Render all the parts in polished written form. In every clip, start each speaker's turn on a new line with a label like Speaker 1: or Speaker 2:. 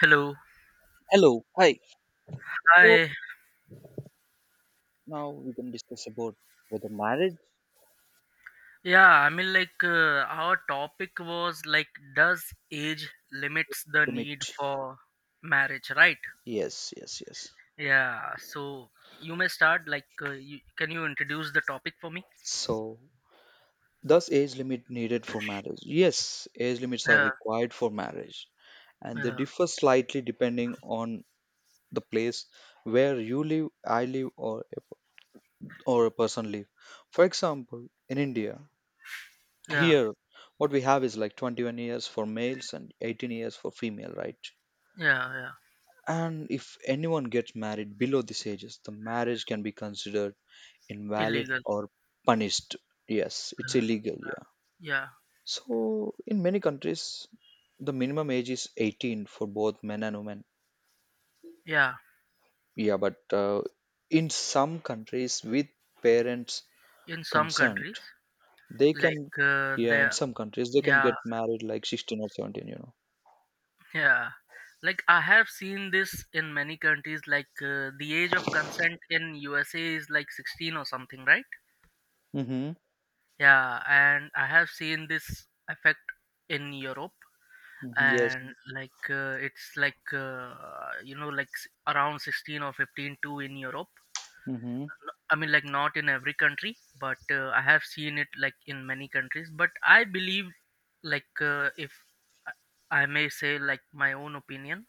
Speaker 1: Hello.
Speaker 2: Hello, hi. So
Speaker 1: Hi.
Speaker 2: now we can discuss about whether marriage
Speaker 1: Yeah, I mean, like, our topic was like, does age limits the need
Speaker 2: limit.
Speaker 1: for marriage, right?
Speaker 2: Yes, yes, yes.
Speaker 1: Yeah. So you may start. Like, can you introduce the topic for me?
Speaker 2: So thus age limit needed for marriage. Yes, age limits are
Speaker 1: Yeah.
Speaker 2: required for marriage and they
Speaker 1: Yeah.
Speaker 2: differ slightly depending on the place where you live, I live or a person live. For example, in India,
Speaker 1: Yeah.
Speaker 2: here what we have is like 21 years for males and 18 years for female, right?
Speaker 1: Yeah. Yeah.
Speaker 2: And if anyone gets married below these ages, the marriage can be considered invalid
Speaker 1: Illegal.
Speaker 2: or punished. Yes, it's illegal, yeah.
Speaker 1: Yeah.
Speaker 2: So, in many countries, the minimum age is 18 for both men and women.
Speaker 1: Yeah.
Speaker 2: Yeah, but in some countries, with parents'
Speaker 1: In some
Speaker 2: consent,
Speaker 1: countries,
Speaker 2: they
Speaker 1: like,
Speaker 2: can, yeah, in
Speaker 1: there.
Speaker 2: some countries, they can
Speaker 1: Yeah.
Speaker 2: get married like 16 or 17, you know.
Speaker 1: Yeah. Like I have seen this in many countries. Like the age of consent in USA is like 16 or something, right?
Speaker 2: Mm-hmm.
Speaker 1: Yeah, and I have seen this effect in Europe,
Speaker 2: Hmm, yes.
Speaker 1: and like it's like you know, like around 16 or 15 too in Europe.
Speaker 2: Mm-hmm.
Speaker 1: I mean, like not in every country, but I have seen it like in many countries. But I believe, like if I may say, like, my own opinion,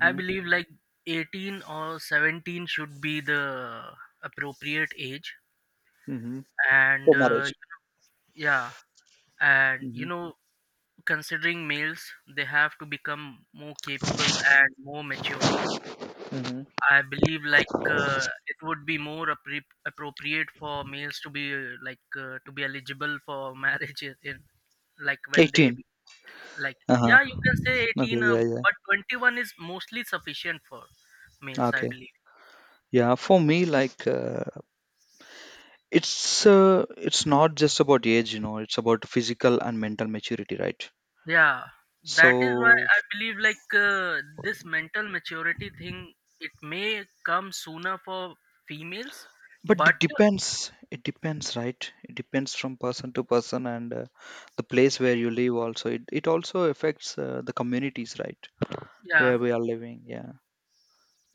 Speaker 1: I believe like 18 or 17 should be the appropriate age,
Speaker 2: Mm-hmm.
Speaker 1: and
Speaker 2: For marriage.
Speaker 1: yeah, and you
Speaker 2: Mm-hmm.
Speaker 1: know, considering males, they have to become more capable and more mature.
Speaker 2: Mm-hmm.
Speaker 1: I believe like it would be more appropriate for males to be like to be eligible for marriage, like when they
Speaker 2: 18.
Speaker 1: like,
Speaker 2: Uh huh.
Speaker 1: yeah, you can say
Speaker 2: Okay,
Speaker 1: 18,
Speaker 2: yeah, yeah.
Speaker 1: but 21 is mostly sufficient for males, I
Speaker 2: Okay.
Speaker 1: believe.
Speaker 2: Yeah, for me, like it's not just about age, it's about physical and mental maturity, right?
Speaker 1: Yeah, that is why
Speaker 2: So,
Speaker 1: I believe, like, this mental maturity thing, it may come sooner for females,
Speaker 2: but
Speaker 1: but
Speaker 2: it depends. It depends, right? It depends from person to person and the place where you live also. It also affects the communities, right?
Speaker 1: yeah.
Speaker 2: Where we are living, yeah.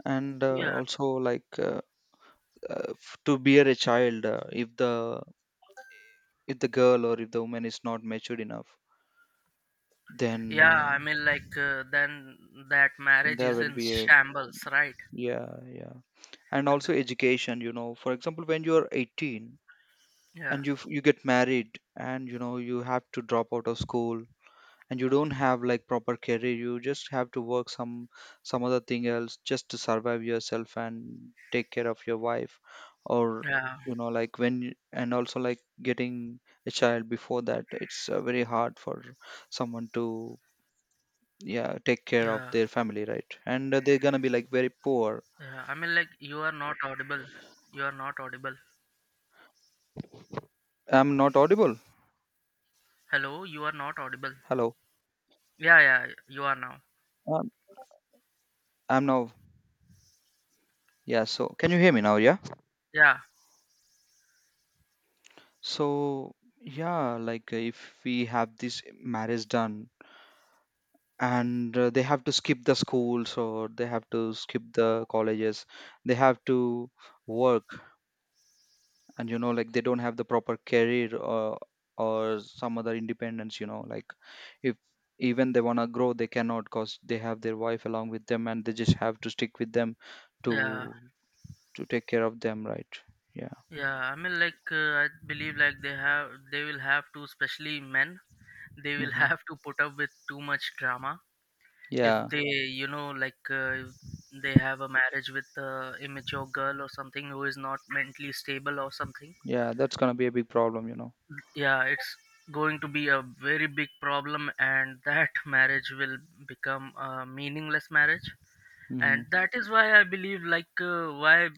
Speaker 2: And
Speaker 1: Yeah.
Speaker 2: also like uh, to bear a child, if the girl or if the woman is not matured enough then
Speaker 1: Yeah, I mean, like, then that marriage
Speaker 2: there
Speaker 1: is
Speaker 2: will
Speaker 1: in
Speaker 2: be a,
Speaker 1: shambles, right?
Speaker 2: yeah, yeah. And
Speaker 1: And th-
Speaker 2: also education, you know, for example, when you're 18
Speaker 1: Yeah,
Speaker 2: and you get married and you know you have to drop out of school and you don't have like proper career, you just have to work some other thing else just to survive yourself and take care of your wife or
Speaker 1: yeah,
Speaker 2: and also like getting a child before that, it's very hard for someone to, yeah, take care of
Speaker 1: yeah,
Speaker 2: their family, right? And they're gonna be like very poor.
Speaker 1: yeah. I mean, like, you are not audible. You are not audible.
Speaker 2: I'm not audible.
Speaker 1: Hello, you are not audible.
Speaker 2: Hello.
Speaker 1: Yeah, yeah, you are now.
Speaker 2: um, I'm now, yeah, so can you hear me now? Yeah.
Speaker 1: Yeah,
Speaker 2: So, yeah, like if we have this marriage done and they have to skip the schools or they have to skip the colleges, they have to work and you know like they don't have the proper career or some other independence, you know, like if even they want to grow, they cannot because they have their wife along with them and they just have to stick with them
Speaker 1: yeah,
Speaker 2: to to take care of them, right? Yeah.
Speaker 1: yeah. I mean, like, I believe, like, they will have to, especially men, they will
Speaker 2: Hmm.
Speaker 1: have to put up with too much drama if
Speaker 2: Yeah,
Speaker 1: they, you know, like, if they have a marriage with a immature girl or something who is not mentally stable or something.
Speaker 2: yeah, that's gonna be a big problem, you know.
Speaker 1: Yeah, it's going to be a very big problem, and that marriage will become a meaningless marriage. And
Speaker 2: Hmm.
Speaker 1: that is why I believe, like, why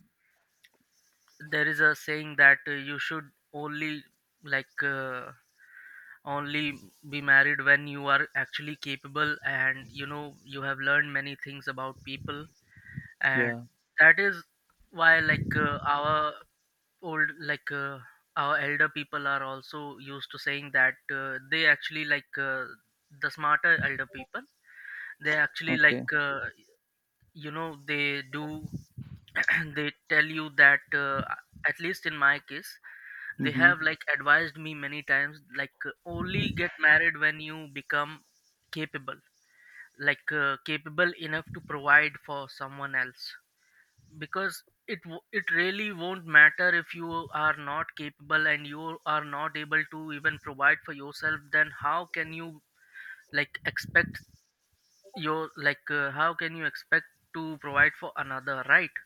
Speaker 1: there is a saying that, you should only, like, only be married when you are actually capable and you know you have learned many things about people. And
Speaker 2: Yeah.
Speaker 1: that is why, like, our old like our elder people are also used to saying that, they actually, like, the smarter elder people, they actually,
Speaker 2: Okay.
Speaker 1: like, you know, they do, they tell you that, at least in my case, they
Speaker 2: Hmm.
Speaker 1: have like advised me many times, like, only get married when you become capable, like, capable enough to provide for someone else. Because it really won't matter if you are not capable and you are not able to even provide for yourself, then how can you, like, expect your, like, how can you expect to provide for another, right?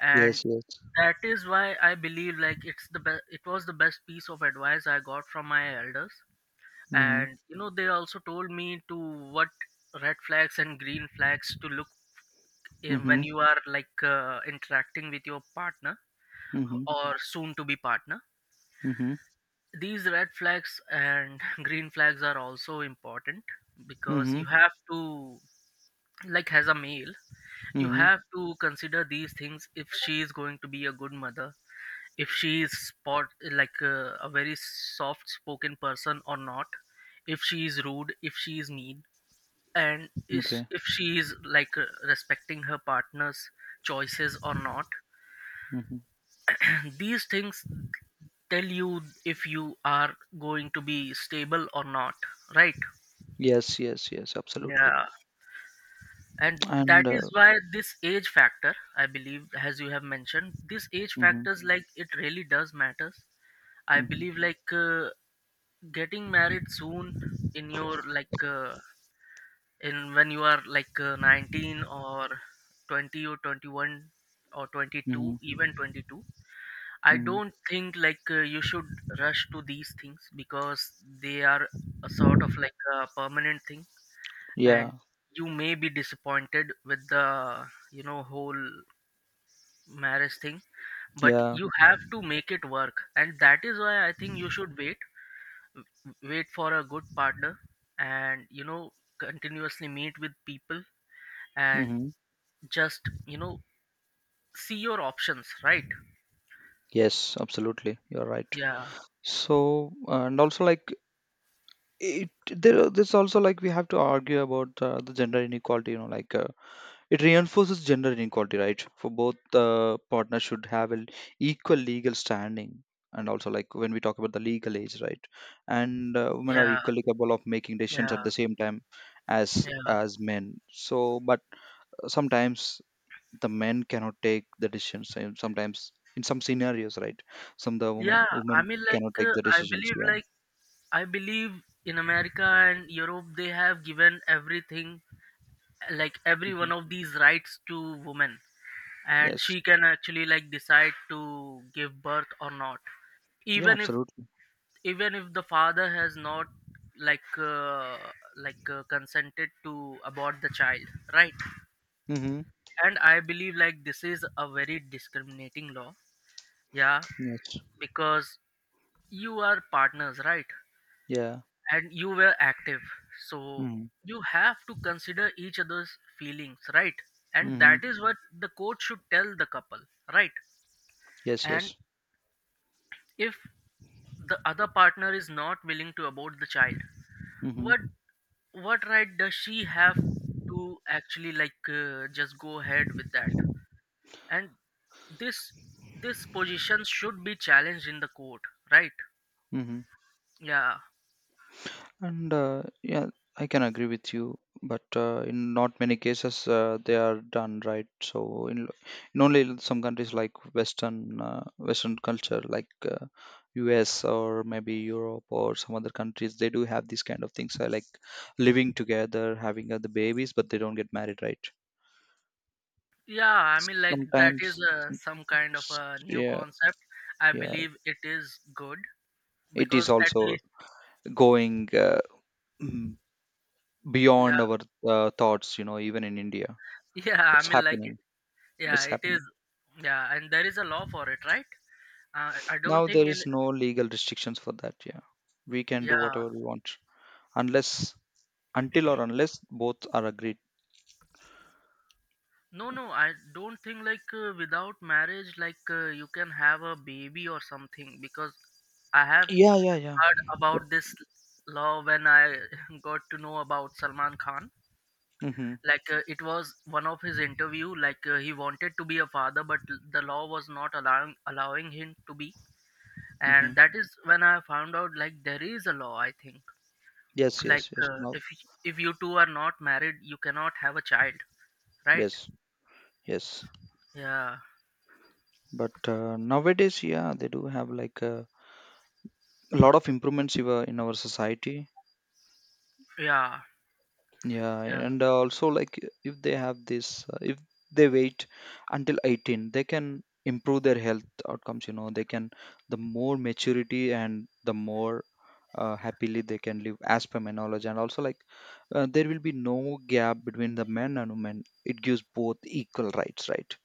Speaker 1: And
Speaker 2: Yes, yes.
Speaker 1: that is why I believe like it was the best piece of advice I got from my elders.
Speaker 2: Hmm.
Speaker 1: And you know, they also told me to what red flags and green flags to look in
Speaker 2: Hmm.
Speaker 1: when you are, like, interacting with your partner
Speaker 2: Hmm.
Speaker 1: or soon to be partner.
Speaker 2: Hmm.
Speaker 1: These red flags and green flags are also important, because
Speaker 2: Hmm.
Speaker 1: you have to like, as a male, you
Speaker 2: Hmm.
Speaker 1: have to consider these things. If she is going to be a good mother, if she is spot like a very soft spoken person or not, if she is rude, if she is mean, and if,
Speaker 2: Okay.
Speaker 1: if she is, like, respecting her partner's choices or not,
Speaker 2: Hmm.
Speaker 1: these things tell you if you are going to be stable or not, right?
Speaker 2: Yes, yes, yes, absolutely.
Speaker 1: Yeah. And that
Speaker 2: And
Speaker 1: is why this age factor, I believe, as you have mentioned, this age
Speaker 2: hmm.
Speaker 1: factors like it really does matters. I believe like, getting married soon in your, like, in when you are like, 19 or 20 or 21 or 22,
Speaker 2: Hmm.
Speaker 1: even 22, I
Speaker 2: Mhm.
Speaker 1: don't think, like, you should rush to these things, because they are a sort of like a permanent thing,
Speaker 2: Yeah,
Speaker 1: and you may be disappointed with the whole marriage thing, but
Speaker 2: yeah.
Speaker 1: you have to make it work, and that is why I think you should wait for a good partner, and you know, continuously meet with people, and
Speaker 2: Hmm.
Speaker 1: just, you know, see your options, right?
Speaker 2: Yes, absolutely. You're right.
Speaker 1: Yeah.
Speaker 2: So, and also like there's also like we have to argue about the gender inequality. You know, like it reinforces gender inequality, right? For both partners should have an equal legal standing, and also like when we talk about the legal age, right? And women are
Speaker 1: Yeah,
Speaker 2: equally capable of making decisions
Speaker 1: yeah,
Speaker 2: at the same time
Speaker 1: yeah,
Speaker 2: as men. So, but sometimes the men cannot take the decisions and sometimes in some scenarios, right, some the women
Speaker 1: yeah. I
Speaker 2: women
Speaker 1: mean,
Speaker 2: cannot
Speaker 1: like,
Speaker 2: take the decisions, yeah.
Speaker 1: I believe in America and Europe they have given everything, like every
Speaker 2: Hmm.
Speaker 1: one of these rights to women, and
Speaker 2: Yes.
Speaker 1: she can actually, like, decide to give birth or not,
Speaker 2: Yeah,
Speaker 1: even if
Speaker 2: absolutely.
Speaker 1: even if the father has not, like uh, consented to abort the child, right?
Speaker 2: Mm-hmm.
Speaker 1: And I believe like this is a very discriminating law. Yeah,
Speaker 2: Yes.
Speaker 1: because you are partners, right?
Speaker 2: Yeah.
Speaker 1: And you were active, so
Speaker 2: Mm-hmm.
Speaker 1: you have to consider each other's feelings, right? And
Speaker 2: Mm-hmm.
Speaker 1: that is what the coach should tell the couple, right?
Speaker 2: Yes,
Speaker 1: And
Speaker 2: yes.
Speaker 1: if the other partner is not willing to abort the child,
Speaker 2: Mm-hmm.
Speaker 1: what what right does she have to actually, like, just go ahead with that? And this this position should be challenged in the court, right?
Speaker 2: Mm-hmm.
Speaker 1: Yeah.
Speaker 2: And yeah, I can agree with you, but in not many cases they are done, right. In only in some countries like Western Western culture, like US or maybe Europe or some other countries, they do have these kind of things like living together, having other babies, but they don't get married, right.
Speaker 1: Yeah, I mean, like, that is
Speaker 2: Sometimes,
Speaker 1: some kind of
Speaker 2: s-
Speaker 1: a new
Speaker 2: yeah,
Speaker 1: concept. I
Speaker 2: yeah,
Speaker 1: believe it is good,
Speaker 2: it is
Speaker 1: because at
Speaker 2: also
Speaker 1: least,
Speaker 2: going mm,
Speaker 1: yeah,
Speaker 2: beyond our thoughts. You know, even in India,
Speaker 1: yeah. I
Speaker 2: it's
Speaker 1: mean, like,
Speaker 2: happening.
Speaker 1: yeah,
Speaker 2: It's
Speaker 1: it is,
Speaker 2: happening.
Speaker 1: yeah, and there is a law for it, right? I don't
Speaker 2: Now
Speaker 1: think
Speaker 2: there
Speaker 1: in,
Speaker 2: is no legal restrictions for that. Yeah. We can do
Speaker 1: Yeah,
Speaker 2: whatever we want unless until or unless both are agreed.
Speaker 1: no, no, I don't think, like, without marriage, like, you can have a baby or something, because I have
Speaker 2: Yeah, yeah, yeah.
Speaker 1: heard
Speaker 2: But
Speaker 1: about this law when I got to know about Salman Khan.
Speaker 2: mm-hmm,
Speaker 1: Like, it was one of his interview, like, he wanted to be a father, but the law was not allowing him to be,
Speaker 2: mm-hmm,
Speaker 1: and that is when I found out like there is a law, I think,
Speaker 2: yes,
Speaker 1: like,
Speaker 2: yes, yes. No,
Speaker 1: if you two are not married, you cannot have a child, right?
Speaker 2: yes, yes.
Speaker 1: Yeah.
Speaker 2: But nowadays, yeah, they do have like a lot of improvements in our society.
Speaker 1: Yeah,
Speaker 2: Yeah,
Speaker 1: yeah,
Speaker 2: and also like if they have this, if they wait until 18, they can improve their health outcomes. You know, they can the more maturity and the more happily they can live, as per my knowledge. And also like there will be no gap between the men and women. It gives both equal rights, right?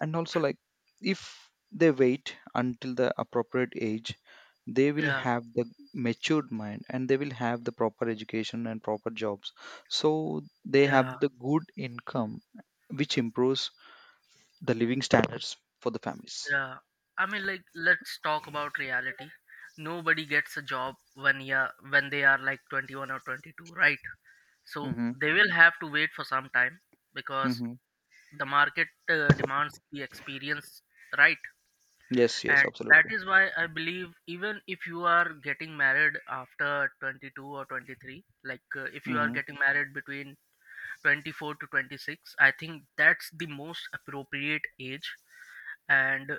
Speaker 2: And also like if they wait until the appropriate age, they will
Speaker 1: yeah,
Speaker 2: have the matured mind and they will have the proper education and proper jobs, so they
Speaker 1: yeah,
Speaker 2: have the good income, which improves the living standards for the families.
Speaker 1: yeah. I mean, like, let's talk about reality. Nobody gets a job when, when they are like 21 or 22, right? So
Speaker 2: Mm-hmm.
Speaker 1: they will have to wait for some time, because
Speaker 2: Mm-hmm.
Speaker 1: the market demands the experience, right?
Speaker 2: Yes, yes,
Speaker 1: And that
Speaker 2: absolutely.
Speaker 1: is why I believe, even if you are getting married after 22 or 23, like, if you are
Speaker 2: Mm-hmm.
Speaker 1: getting married between 24 to 26, I think that's the most appropriate age. And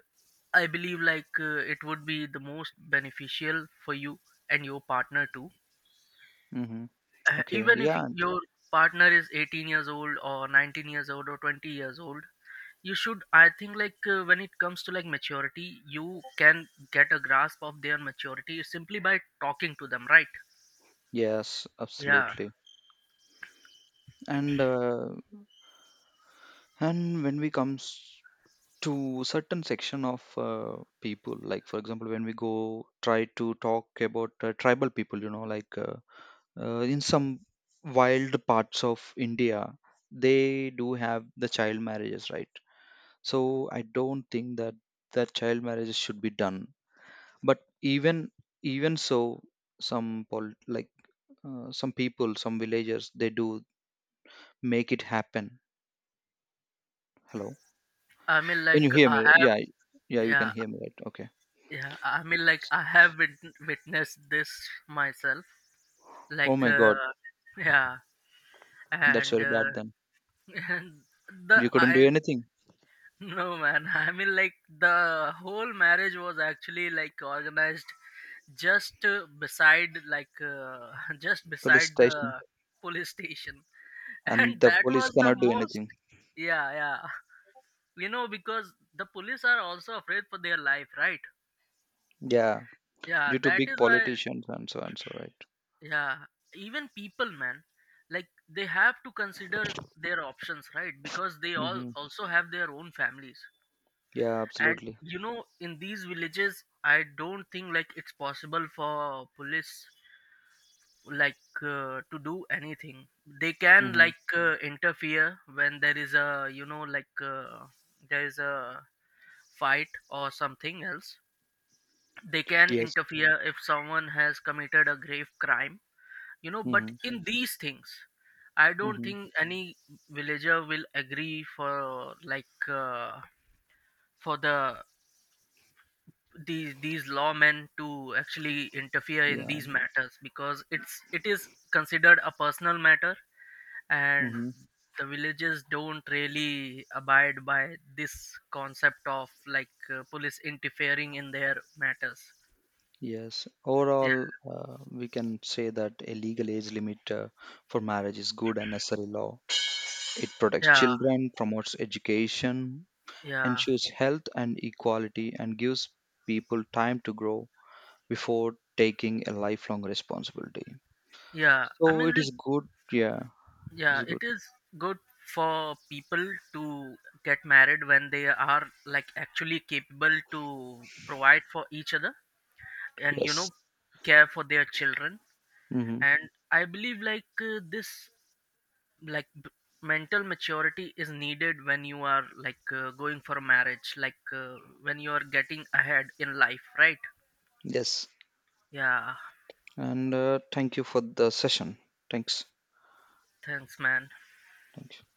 Speaker 1: I believe, like, it would be the most beneficial for you and your partner too.
Speaker 2: Mm-hmm. Okay.
Speaker 1: Even if
Speaker 2: Yeah.
Speaker 1: your partner is 18 years old or 19 years old or 20 years old, you should, I think, like, when it comes to, like, maturity, you can get a grasp of their maturity simply by talking to them, right?
Speaker 2: Yes,
Speaker 1: Yeah.
Speaker 2: absolutely. And and when we comes to certain section of people, like for example when we go try to talk about tribal people, you know, like in some wild parts of India, they do have the child marriages, right? So I don't think that that child marriages should be done, but even even so some pol- like some people some villagers, they do make it happen. Hello,
Speaker 1: I mean,
Speaker 2: can
Speaker 1: like,
Speaker 2: you hear
Speaker 1: I
Speaker 2: me?
Speaker 1: have
Speaker 2: Yeah. Yeah, you can
Speaker 1: yeah.
Speaker 2: hear me, right? Okay.
Speaker 1: Yeah. I mean, like, I have witnessed this myself,
Speaker 2: Oh
Speaker 1: like,
Speaker 2: my god.
Speaker 1: yeah,
Speaker 2: That's
Speaker 1: and,
Speaker 2: very bad then.
Speaker 1: and the
Speaker 2: You couldn't do
Speaker 1: I
Speaker 2: anything.
Speaker 1: no, man, I mean, like, the whole marriage was actually, like, organized, just beside like just
Speaker 2: Police
Speaker 1: beside the
Speaker 2: station.
Speaker 1: police station, and
Speaker 2: And the
Speaker 1: that
Speaker 2: police
Speaker 1: was the
Speaker 2: cannot do
Speaker 1: most.
Speaker 2: anything.
Speaker 1: Yeah. Yeah, you know, because the police are also afraid for their life, right?
Speaker 2: Yeah.
Speaker 1: Yeah,
Speaker 2: Due to
Speaker 1: that
Speaker 2: big
Speaker 1: is why.
Speaker 2: politicians and so, right?
Speaker 1: Yeah, even people, man, like they have to consider their options, right? Because they all
Speaker 2: Mm-hmm.
Speaker 1: also have their own families.
Speaker 2: Yeah,
Speaker 1: And
Speaker 2: absolutely.
Speaker 1: you know, in these villages, I don't think like it's possible for police, like, to do anything. They can,
Speaker 2: Mm-hmm.
Speaker 1: like, interfere when there is a, you know, like, there is a fight or something else. They can
Speaker 2: Yes.
Speaker 1: interfere if someone has committed a grave crime, you know, but
Speaker 2: Mm-hmm.
Speaker 1: in these things, I don't
Speaker 2: Mm-hmm.
Speaker 1: think any villager will agree for these lawmen to actually interfere in
Speaker 2: Yeah.
Speaker 1: these matters, because it is considered a personal matter, and
Speaker 2: Mm-hmm.
Speaker 1: the villagers don't really abide by this concept of, like, police interfering in their matters.
Speaker 2: Yes. Overall, we can say that a legal age limit for marriage is good and necessary law. It protects
Speaker 1: Yeah.
Speaker 2: children, promotes education,
Speaker 1: Yeah.
Speaker 2: ensures health and equality, and gives people time to grow before taking a lifelong responsibility.
Speaker 1: Yeah, I
Speaker 2: So
Speaker 1: mean,
Speaker 2: it
Speaker 1: like,
Speaker 2: is good. Yeah, it
Speaker 1: yeah,
Speaker 2: is
Speaker 1: it
Speaker 2: good.
Speaker 1: is good for people to get married when they are like actually capable to provide for each other and you
Speaker 2: Yes.
Speaker 1: know care for their children.
Speaker 2: Hmm.
Speaker 1: And I believe, like, this, like, mental maturity is needed when you are, like, going for a marriage, like, when you are getting ahead in life, right?
Speaker 2: Yes.
Speaker 1: Yeah.
Speaker 2: And thank you for the session. Thanks.
Speaker 1: Thanks, man.
Speaker 2: Thank you.